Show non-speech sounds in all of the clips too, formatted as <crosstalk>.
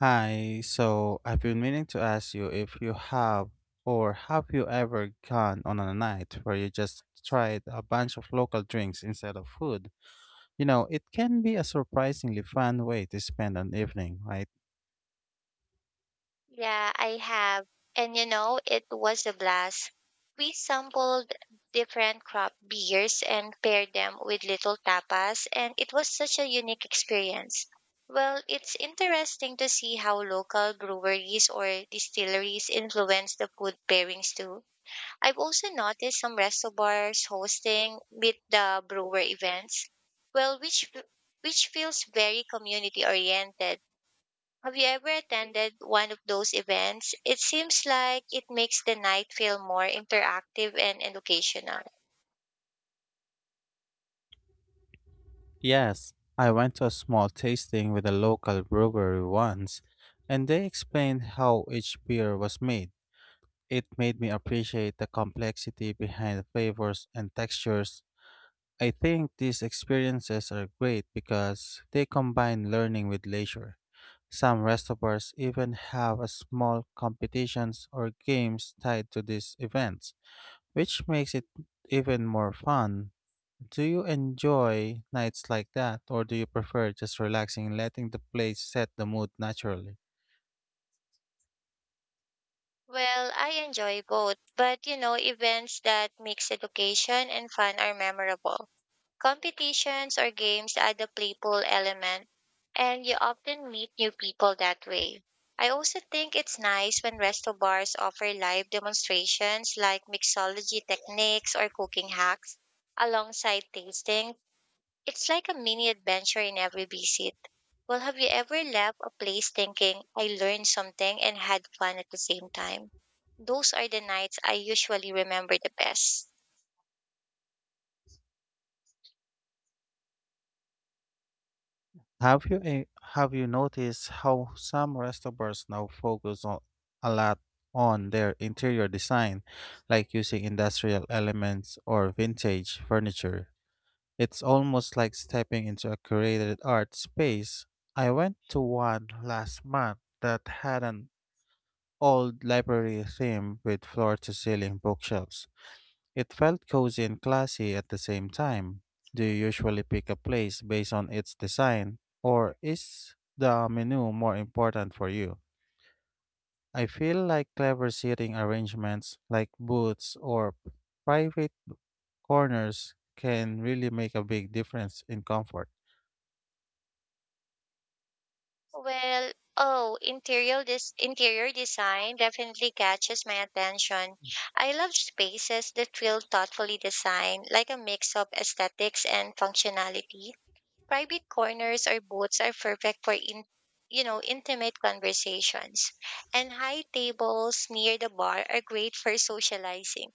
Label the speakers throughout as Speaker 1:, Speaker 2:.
Speaker 1: Hi, so I've been meaning to ask you if you have or have you ever gone on a night where you just tried a bunch of local drinks instead of food? You know, it can be a surprisingly fun way to spend an evening, right?
Speaker 2: Yeah, I have. And you know, it was a blast. We sampled different craft beers and paired them with little tapas, and it was such a unique experience. Well, it's interesting to see how local breweries or distilleries influence the food pairings too. I've also noticed some restaurants hosting meet the brewer events. Well, which feels very community oriented. Have you ever attended one of those events? It seems like it makes the night feel more interactive and educational.
Speaker 1: Yes, I went to a small tasting with a local brewery once, and they explained how each beer was made. It made me appreciate the complexity behind the flavors and textures. I think these experiences are great because they combine learning with leisure. Some restaurants even have a small competitions or games tied to these events, which makes it even more fun. Do you enjoy nights like that, or do you prefer just relaxing and letting the place set the mood naturally?
Speaker 2: Well, I enjoy both, but you know, events that mix education and fun are memorable. Competitions or games add a playful element, and you often meet new people that way. I also think it's nice when resto bars offer live demonstrations like mixology techniques or cooking hacks alongside tastings. It's like a mini adventure in every visit. Well, have you ever left a place thinking I learned something and had fun at the same time? Those are the nights I usually remember the best.
Speaker 1: Have you eh, have you noticed how some restaurants now focus on a lot on their interior design, like using industrial elements or vintage furniture? It's almost like stepping into a curated art space. I went to one last month that had an old library theme with floor to ceiling bookshelves. It felt cozy and classy at the same time. Do you usually pick a place based on its design, or is the menu more important for you? I feel like clever seating arrangements like booths or private corners can really make a big difference in comfort.
Speaker 2: Well, oh, interior design definitely catches my attention. I love spaces that feel thoughtfully designed, like a mix of aesthetics and functionality. Private corners or booths are perfect for you know, intimate conversations, and high tables near the bar are great for socializing.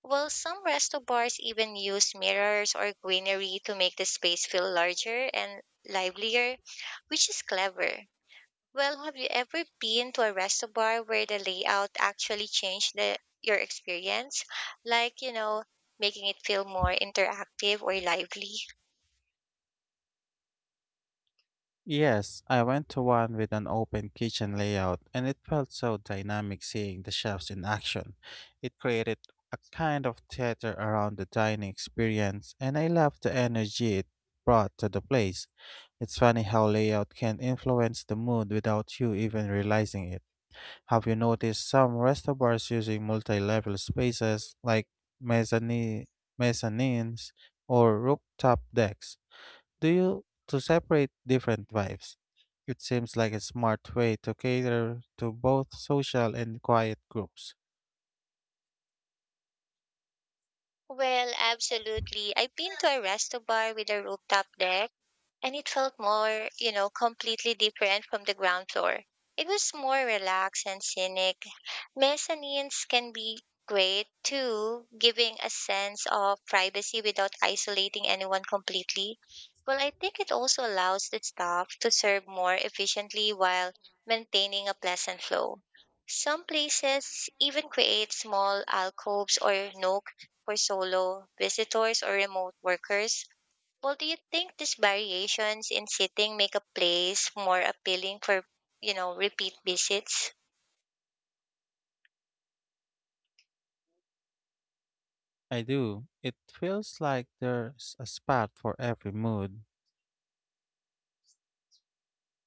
Speaker 2: While some resto bars even use mirrors or greenery to make the space feel larger and livelier, which is clever. Well, have you ever been to a resto bar where the layout actually changed the your experience? Like, you know, making it feel more interactive or lively?
Speaker 1: Yes, I went to one with an open kitchen layout, and it felt so dynamic seeing the chefs in action. It created a kind of theater around the dining experience, and I loved the energy it brought to the place. It's funny how layout can influence the mood without you even realizing it. Have you noticed some restaurants using multi-level spaces like mezzanine, mezzanines or rooftop decks? Do you to separate different vibes? It seems like a smart way to cater to both social and quiet groups.
Speaker 2: Well, absolutely. I've been to a resto bar with a rooftop deck, and it felt more, you know, completely different from the ground floor. It was more relaxed and scenic. Mezzanines can be great too, giving a sense of privacy without isolating anyone completely. Well, I think it also allows the staff to serve more efficiently while maintaining a pleasant flow. Some places even create small alcoves or nook for solo visitors or remote workers. Well, do you think these variations in seating make a place more appealing for, you know, repeat visits?
Speaker 1: I do. It feels like there's a spot for every mood,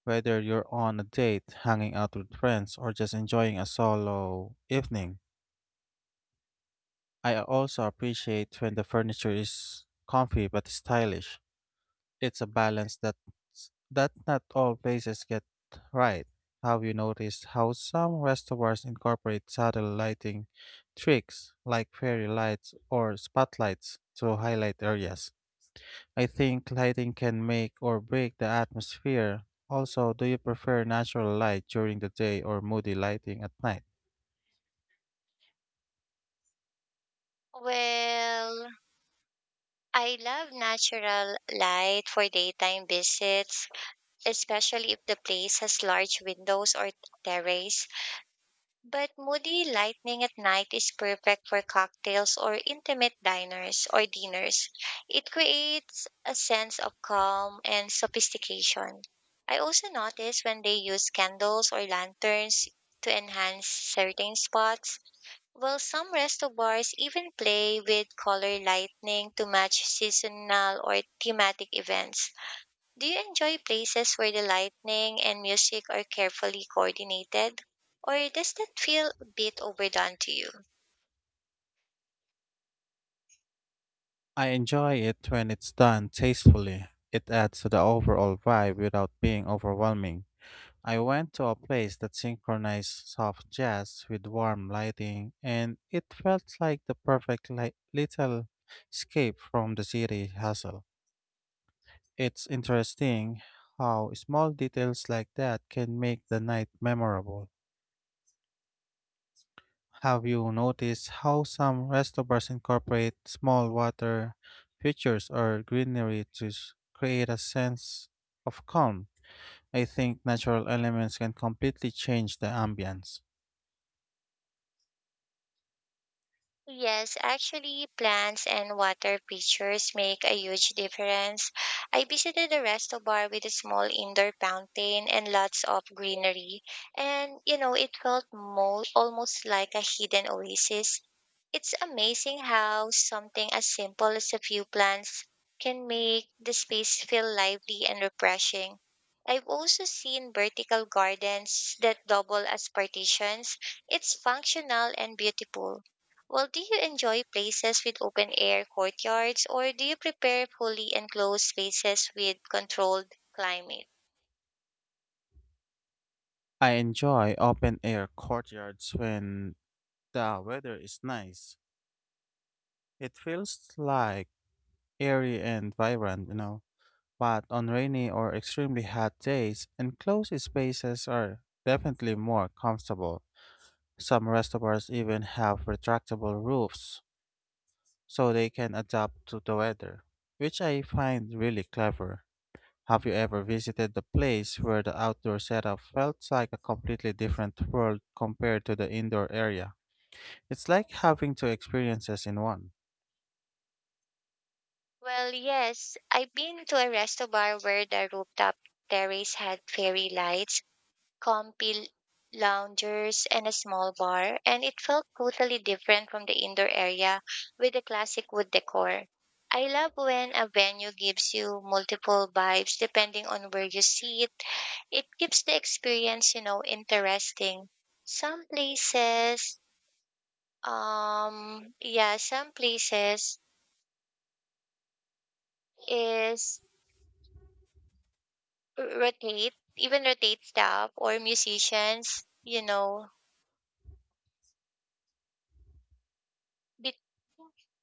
Speaker 1: whether you're on a date, hanging out with friends, or just enjoying a solo evening. I also appreciate when the furniture is comfy but stylish. It's a balance that not all places get right. Have you noticed how some restaurants incorporate subtle lighting tricks like fairy lights or spotlights to highlight areas? I think lighting can make or break the atmosphere. Also, do you prefer natural light during the day or moody lighting at night?
Speaker 2: Well, I love natural light for daytime visits, especially if the place has large windows or terrace. But moody lightning at night is perfect for cocktails or intimate diners or dinners. It creates a sense of calm and sophistication. I also notice when they use candles or lanterns to enhance certain spots. Well, some resto bars even play with color lighting to match seasonal or thematic events. Do you enjoy places where the lighting and music are carefully coordinated? Or does that feel a bit overdone to you?
Speaker 1: I enjoy it when it's done tastefully. It adds to the overall vibe without being overwhelming. I went to a place that synchronized soft jazz with warm lighting, and it felt like the perfect little escape from the city hustle. It's interesting how small details like that can make the night memorable. Have you noticed how some restaurants incorporate small water features or greenery to create a sense of calm? I think natural elements can completely change the ambience.
Speaker 2: Yes, actually, plants and water features make a huge difference. I visited a resto bar with a small indoor fountain and lots of greenery, and you know, it felt almost like a hidden oasis. It's amazing how something as simple as a few plants can make the space feel lively and refreshing. I've also seen vertical gardens that double as partitions. It's functional and beautiful. Well, do you enjoy places with open air courtyards or do you prepare fully enclosed spaces with controlled climate?
Speaker 1: I enjoy open air courtyards when the weather is nice. It feels like airy and vibrant, you know. But on rainy or extremely hot days, enclosed spaces are definitely more comfortable. Some restaurants even have retractable roofs so they can adapt to the weather, which I find really clever. Have you ever visited the place where the outdoor setup felt like a completely different world compared to the indoor area? It's like having two experiences in one.
Speaker 2: Well, yes, I've been to a resto bar where the rooftop terrace had fairy lights, comfy loungers and a small bar, and it felt totally different from the indoor area with the classic wood decor. I love when a venue gives you multiple vibes depending on where you sit. It keeps the experience, you know, interesting. Some places, yeah, some places is even rotate staff or musicians, you know,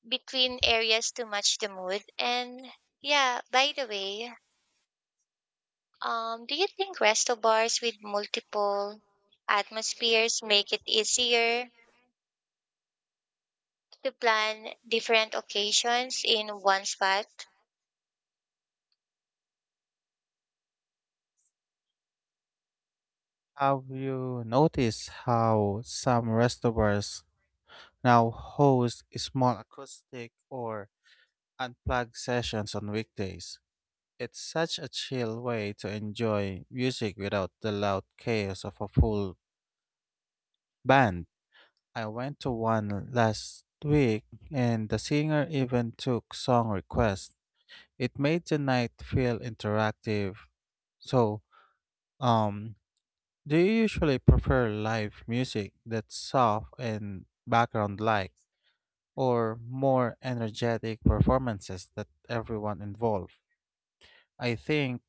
Speaker 2: between areas to match the mood. And yeah, by the way, do you think resto bars with multiple atmospheres make it easier to plan different occasions in one spot?
Speaker 1: Have you noticed how some restaurants now host small acoustic or unplugged sessions on weekdays? It's such a chill way to enjoy music without the loud chaos of a full band. I went to one last week and the singer even took song requests. It made the night feel interactive. So, um, Do you usually prefer live music that's soft and background like, or more energetic performances that everyone involved? I think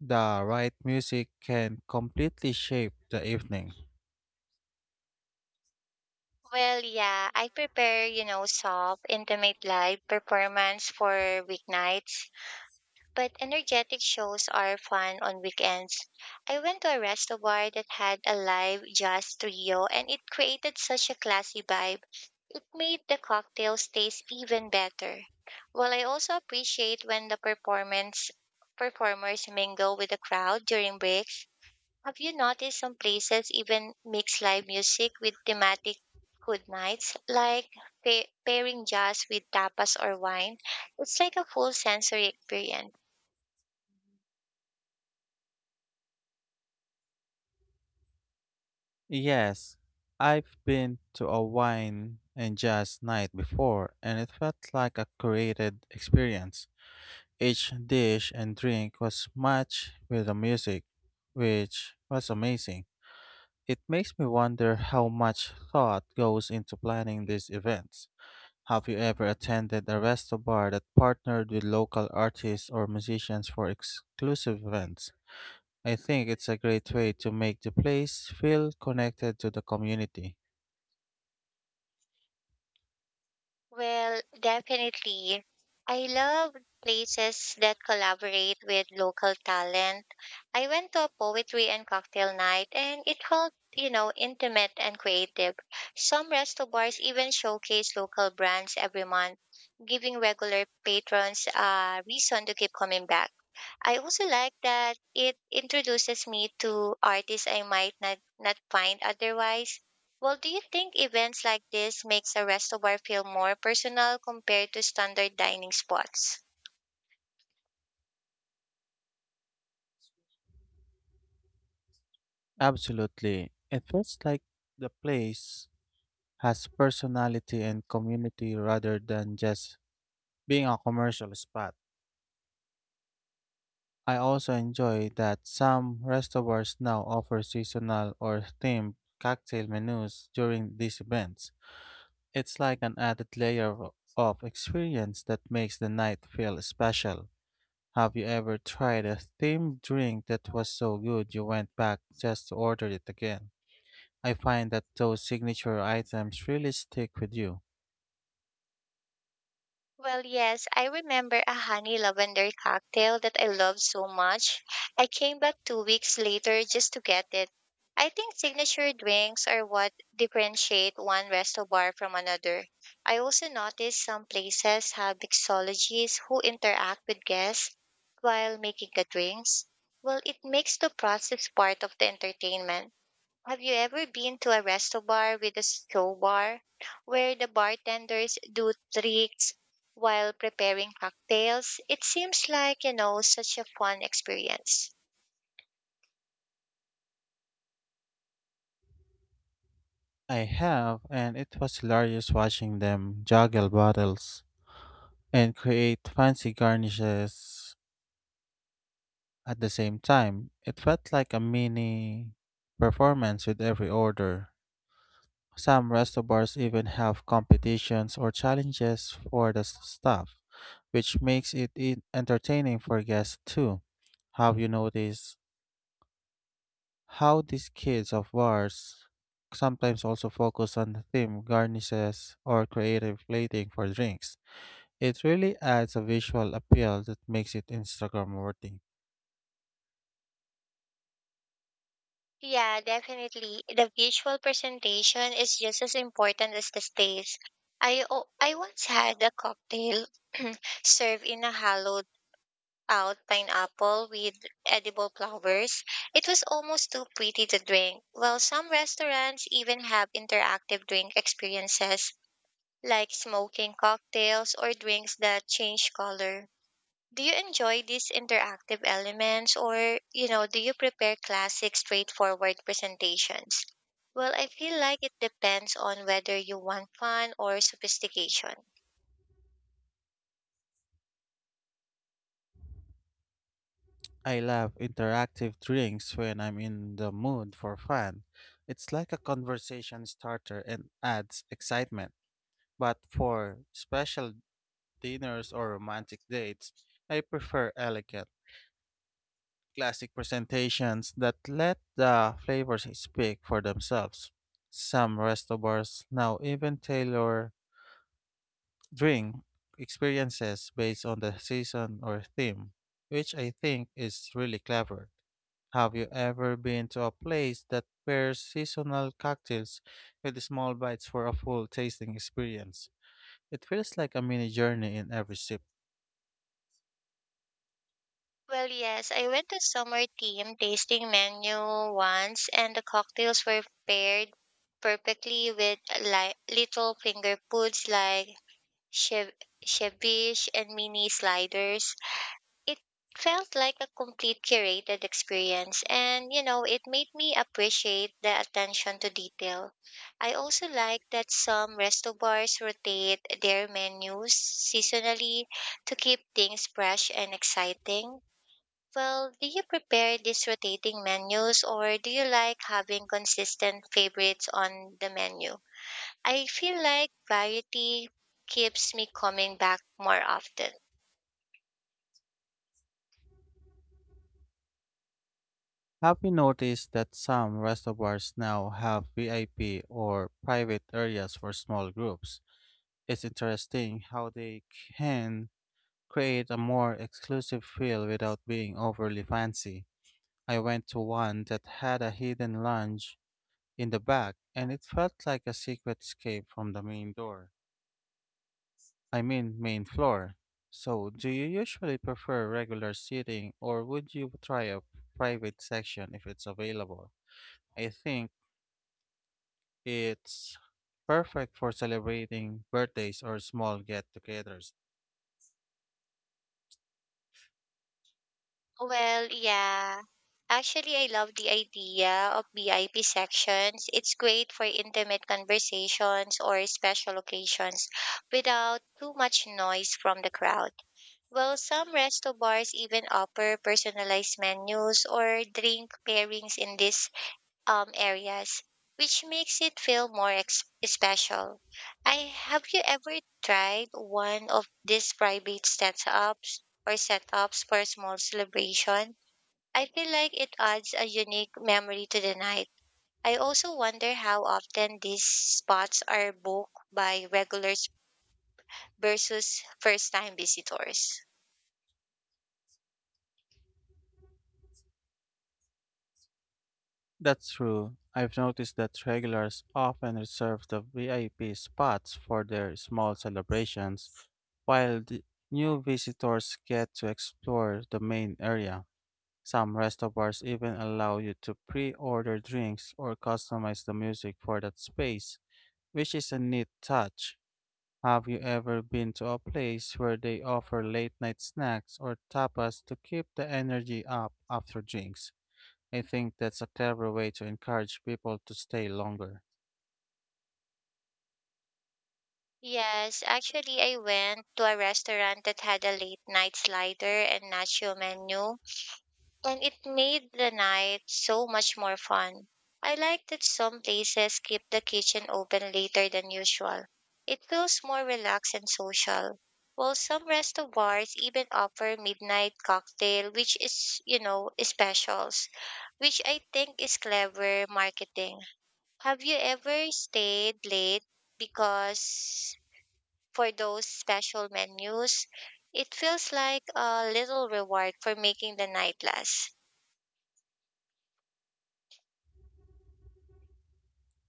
Speaker 1: the right music can completely shape the evening.
Speaker 2: Well, yeah, I prepare, you know, soft, intimate live performance for weeknights, but energetic shows are fun on weekends. I went to a resto bar that had a live jazz trio and it created such a classy vibe. Made the cocktails taste even better. Well, I also appreciate when the performance performers mingle with the crowd during breaks. Have you noticed some places even mix live music with thematic food nights, like pairing jazz with tapas or wine? It's like a full sensory experience.
Speaker 1: Yes, I've been to a wine and jazz night before, and it felt like a curated experience. Each dish and drink was matched with the music, which was amazing. It makes me wonder how much thought goes into planning these events. Have you ever attended a resto bar that partnered with local artists or musicians for exclusive events? I think it's a great way to make the place feel connected to the community.
Speaker 2: Well, definitely. I love places that collaborate with local talent. I went to a poetry and cocktail night and it felt, you know, intimate and creative. Some resto bars even showcase local brands every month, giving regular patrons a reason to keep coming back. I also like that it introduces me to artists I might not find otherwise. Well, do you think events like this makes a resto bar feel more personal compared to standard dining spots?
Speaker 1: Absolutely. It feels like the place has personality and community rather than just being a commercial spot. I also enjoy that some restaurants now offer seasonal or themed cocktail menus during these events. It's like an added layer of experience that makes the night feel special. Have you ever tried a themed drink that was so good you went back just to order it again? I find that those signature items really stick with you.
Speaker 2: Well, yes, I remember a honey lavender cocktail that I loved so much. I came back 2 weeks later just to get it. I think signature drinks are what differentiate one resto bar from another. I also noticed some places have mixologists who interact with guests while making the drinks. Well, it makes the process part of the entertainment. Have you ever been to a resto bar with a show bar where the bartenders do tricks while preparing cocktails? It seems like, you know, such a fun experience.
Speaker 1: I have, and it was hilarious watching them juggle bottles and create fancy garnishes. At the same time, it felt like a mini performance with every order. Some restaurants even have competitions or challenges for the staff, which makes it entertaining for guests too. Have you noticed how these kids of bars sometimes also focus on the theme, garnishes, or creative plating for drinks? It really adds a visual appeal that makes it Instagram worthy.
Speaker 2: Yeah, definitely. The visual presentation is just as important as the stage. I once had a cocktail <clears throat> served in a hollow out pineapple with edible flowers. It was almost too pretty to drink. Well, some restaurants even have interactive drink experiences like smoking cocktails or drinks that change color. Do you enjoy these interactive elements or, you know, do you prepare classic straightforward presentations? Well, I feel like it depends on whether you want fun or sophistication.
Speaker 1: I love interactive drinks when I'm in the mood for fun. It's like a conversation starter and adds excitement. But for special dinners or romantic dates, I prefer elegant, classic presentations that let the flavors speak for themselves. Some restaurants now even tailor drink experiences based on the season or theme, which I think is really clever. Have you ever been to a place that pairs seasonal cocktails with small bites for a full tasting experience? It feels like a mini journey in every sip.
Speaker 2: Well, yes, I went to summer team tasting menu once, and the cocktails were paired perfectly with like little finger foods like chev- ceviche and mini sliders. It felt like a complete curated experience, and you know, it made me appreciate the attention to detail. I also like that some resto bars rotate their menus seasonally to keep things fresh and exciting. Well, do you prepare these rotating menus or do you like having consistent favorites on the menu? I feel like variety keeps me coming back more often.
Speaker 1: Have you noticed that some restaurants now have VIP or private areas for small groups? It's interesting how they can create a more exclusive feel without being overly fancy. I went to one that had a hidden lounge in the back, and it felt like a secret escape from the main door. I mean, main floor. So, do you usually prefer regular seating or would you try a private section if it's available? I think it's perfect for celebrating birthdays or small get togethers.
Speaker 2: Well, yeah. Actually, I love the idea of VIP sections. It's great for intimate conversations or special occasions without too much noise from the crowd. Well, some resto bars even offer personalized menus or drink pairings in these areas, which makes it feel more special. I have you ever tried one of these private setups or setups for a small celebration? I feel like it adds a unique memory to the night. I also wonder how often these spots are booked by regulars versus first time visitors.
Speaker 1: That's true. I've noticed that regulars often reserve the VIP spots for their small celebrations, while the new visitors get to explore the main area. Some restaurants even allow you to pre order drinks or customize the music for that space, which is a neat touch. Have you ever been to a place where they offer late night snacks or tapas to keep the energy up after drinks? I think that's a clever way to encourage people to stay longer.
Speaker 2: Yes, actually, I went to a restaurant that had a late night slider and nacho menu and it made the night so much more fun. I like that some places keep the kitchen open later than usual. It feels more relaxed and social. While some resto bars even offer midnight cocktail, which is, you know, specials, which I think is clever marketing. Have you ever stayed late because for those special menus? It feels like a little reward for making the night last.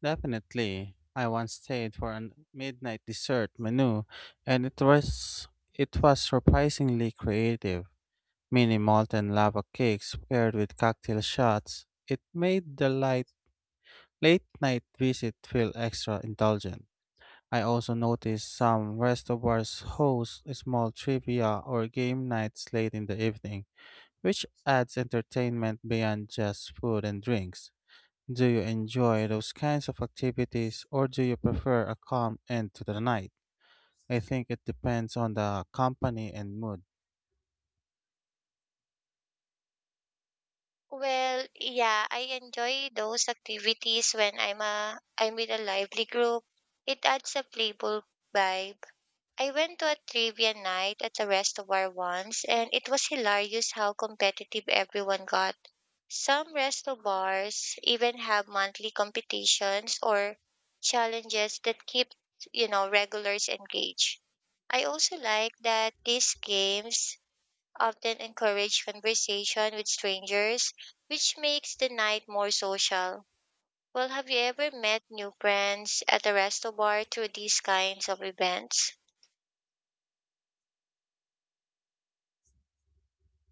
Speaker 1: Definitely. I once stayed for a midnight dessert menu and it was surprisingly creative. Mini molten lava cakes paired with cocktail shots. It made the light late night visit feel extra indulgent. I also noticed some restaurants host small trivia or game nights late in the evening, which adds entertainment beyond just food and drinks. Do you enjoy those kinds of activities or do you prefer a calm end to the night? I think it depends on the company and mood.
Speaker 2: Well, yeah, I enjoy those activities when I'm with a lively group. It adds a playful vibe. I went to a trivia night at a restobar once, and it was hilarious how competitive everyone got. Some resto bars even have monthly competitions or challenges that keep, you know, regulars engaged. I also like that these games often encourage conversation with strangers, which makes the night more social. Well, have you ever met new friends at a resto bar through these kinds of events?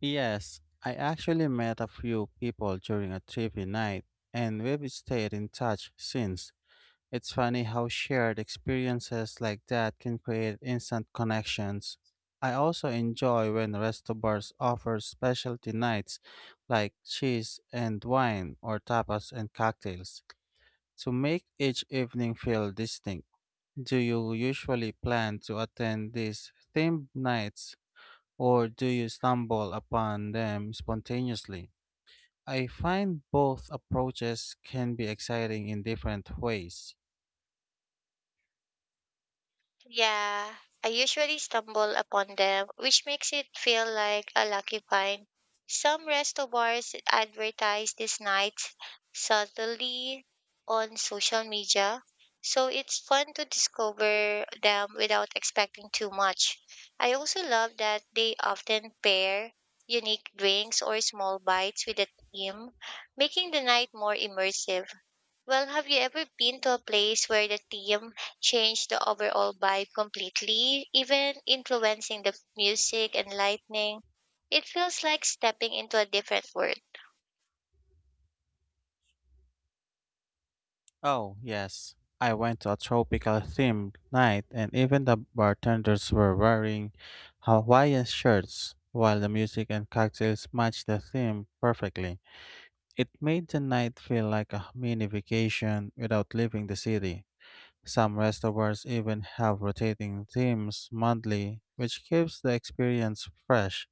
Speaker 1: Yes, I actually met a few people during a trivia night and we've stayed in touch since. It's funny how shared experiences like that can create instant connections. I also enjoy when resto bars offer specialty nights like cheese and wine or tapas and cocktails. To make each evening feel distinct, do you usually plan to attend these themed nights or do you stumble upon them spontaneously? I find both approaches can be exciting in different ways.
Speaker 2: Yeah, I usually stumble upon them, which makes it feel like a lucky find. Some resto bars advertise these nights subtly on social media, so it's fun to discover them without expecting too much. I also love that they often pair unique drinks or small bites with a theme, making the night more immersive. Well, have you ever been to a place where the theme changed the overall vibe completely, even influencing the music and lighting? It feels like stepping into a different world.
Speaker 1: Oh, yes. I went to a tropical themed night and even the bartenders were wearing Hawaiian shirts while the music and cocktails matched the theme perfectly. It made the night feel like a mini vacation without leaving the city. Some restaurants even have rotating themes monthly, which keeps the experience fresh.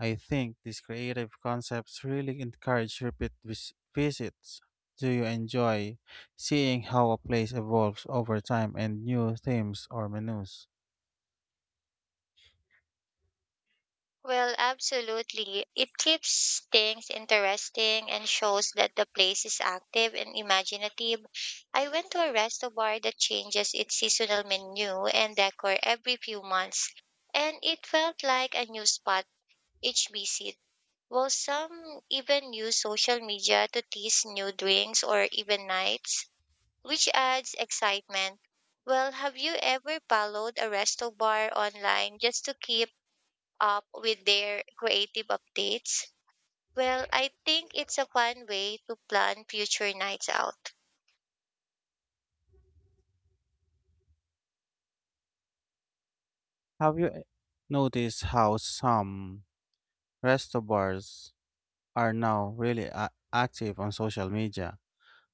Speaker 1: I think these creative concepts really encourage repeat visits. Do you enjoy seeing how a place evolves over time and new themes or menus?
Speaker 2: Well, absolutely. It keeps things interesting and shows that the place is active and imaginative. I went to a restaurant that changes its seasonal menu and decor every few months, and it felt like a new spot each visit. Well, some even use social media to tease new drinks or even nights, which adds excitement. Well, have you ever followed a resto bar online just to keep up with their creative updates? Well, I think it's a fun way to plan future nights out.
Speaker 1: Have you eh, Noticed how some restaurants are now really active on social media?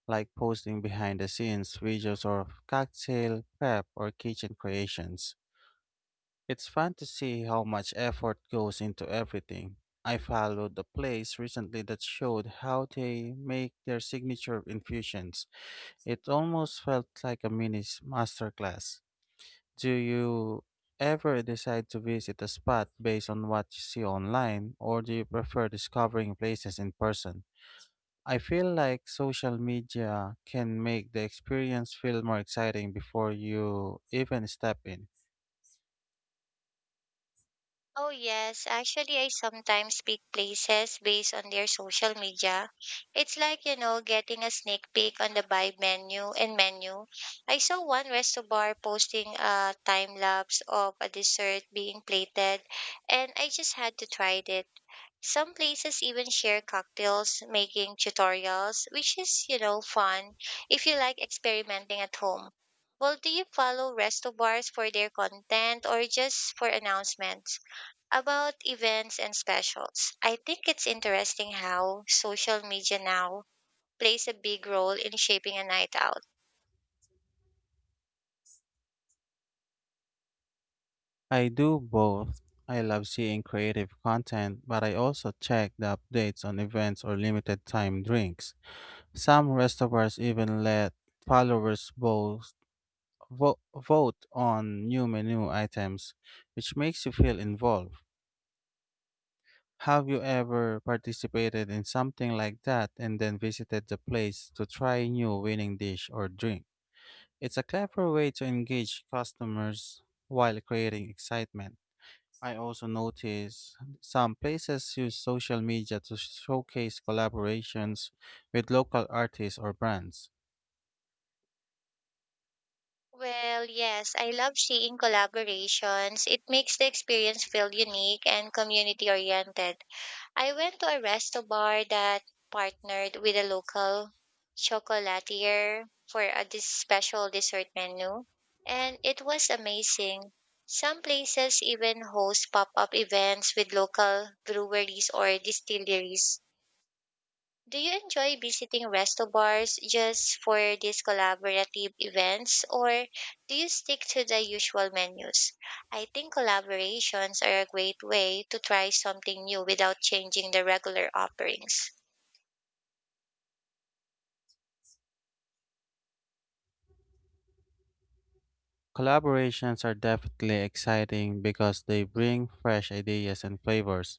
Speaker 1: Like posting behind the scenes videos of cocktail prep or kitchen creations. It's fun to see how much effort goes into everything. I followed a place recently that showed how they make their signature infusions. It almost felt like a mini masterclass. Do you ever decide to visit a spot based on what you see online, or do you prefer discovering places in person? I feel like social media can make the experience feel more exciting before you even step in.
Speaker 2: Oh, yes. Actually, I sometimes pick places based on their social media. It's like, you know, getting a sneak peek on the vibe menu and menu. I saw one resto bar posting a time lapse of a dessert being plated, and I just had to try it. Some places even share cocktails making tutorials, which is, you know, fun if you like experimenting at home. Well, do you follow resto bars for their content or just for announcements? About events and specials, I think it's interesting how social media now plays a big role in shaping a night out.
Speaker 1: I do both. I love seeing creative content, but I also check the updates on events or limited time drinks. Some restaurants even let followers both vote on new menu items, which makes you feel involved. Have you ever participated in something like that and then visited the place to try a new winning dish or drink? It's a clever way to engage customers while creating excitement. I also notice some places use social media to showcase collaborations with local artists or brands.
Speaker 2: Well, yes, I love seeing collaborations. It makes the experience feel unique and community oriented. I went to a resto bar that partnered with a local chocolatier for a special dessert menu, and it was amazing. Some places even host pop up events with local breweries or distilleries. Do you enjoy visiting resto bars just for these collaborative events, or do you stick to the usual menus? I think collaborations are a great way to try something new without changing the regular offerings.
Speaker 1: Collaborations are definitely exciting because they bring fresh ideas and flavors.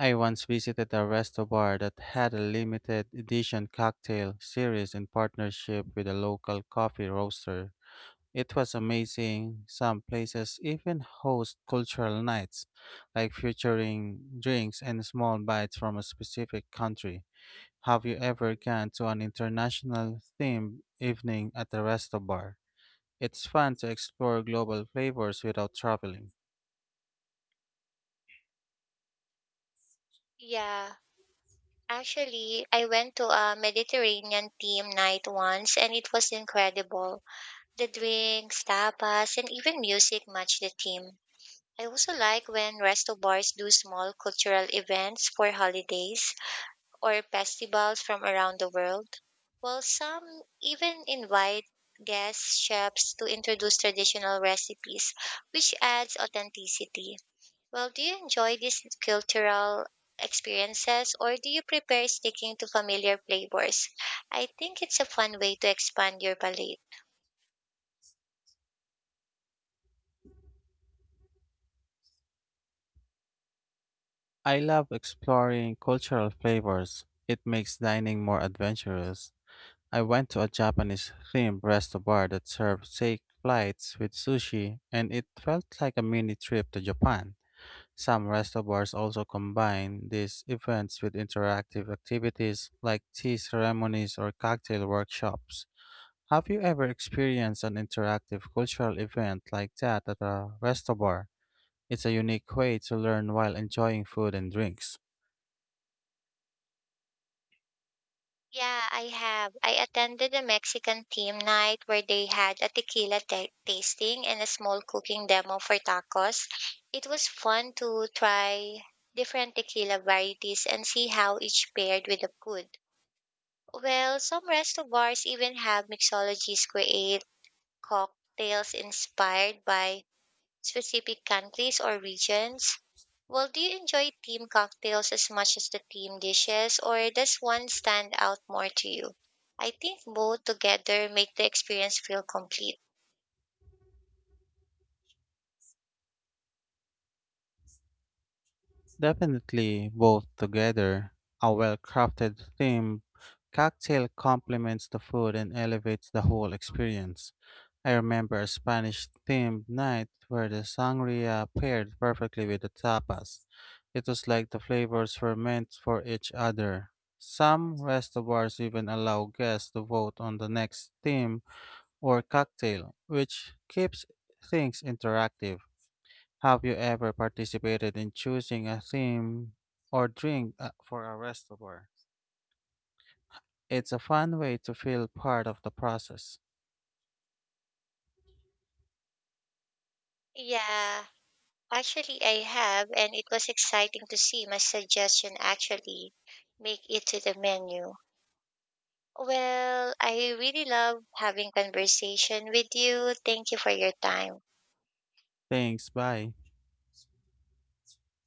Speaker 1: I once visited a resto bar that had a limited edition cocktail series in partnership with a local coffee roaster. It was amazing. Some places even host cultural nights, like featuring drinks and small bites from a specific country. Have you ever gone to an international themed evening at a resto bar? It's fun to explore global flavors without traveling.
Speaker 2: Yeah, actually, I went to a Mediterranean theme night once and it was incredible. The drinks, tapas, and even music matched the theme. I also like when resto bars do small cultural events for holidays or festivals from around the world, while some even invite guest chefs to introduce traditional recipes, which adds authenticity. Well, do you enjoy these cultural experiences or do you prefer sticking to familiar flavors? I think it's a fun way to expand your palate.
Speaker 1: I love exploring cultural flavors. It makes dining more adventurous. I went to a Japanese themed resto bar that served steak flights with sushi, and it felt like a mini trip to Japan. Some resto bars also combine these events with interactive activities like tea ceremonies or cocktail workshops. Have you ever experienced an interactive cultural event like that at a resto bar? It's a unique way to learn while enjoying food and drinks.
Speaker 2: Yeah, I have. I attended a Mexican team night where they had a tequila tasting and a small cooking demo for tacos. It was fun to try different tequila varieties and see how each paired with the food. Well, some resto bars even have mixologies create cocktails inspired by specific countries or regions? Well, do you enjoy team cocktails as much as the team dishes, or does one stand out more to you? I think both together make the experience feel complete.
Speaker 1: Definitely both together. A well crafted theme cocktail complements the food and elevates the whole experience. I remember a Spanish themed night where the sangria paired perfectly with the tapas. It was like the flavors were meant for each other. Some restaurants even allow guests to vote on the next theme or cocktail, which keeps things interactive. Have you ever participated in choosing a theme or drink for a restaurant? It's a fun way to feel part of the process.
Speaker 2: Yeah, actually, I have, and it was exciting to see my suggestion actually make it to the menu. Well, I really love having conversation with you. Thank you for your time.
Speaker 1: Thanks, bye.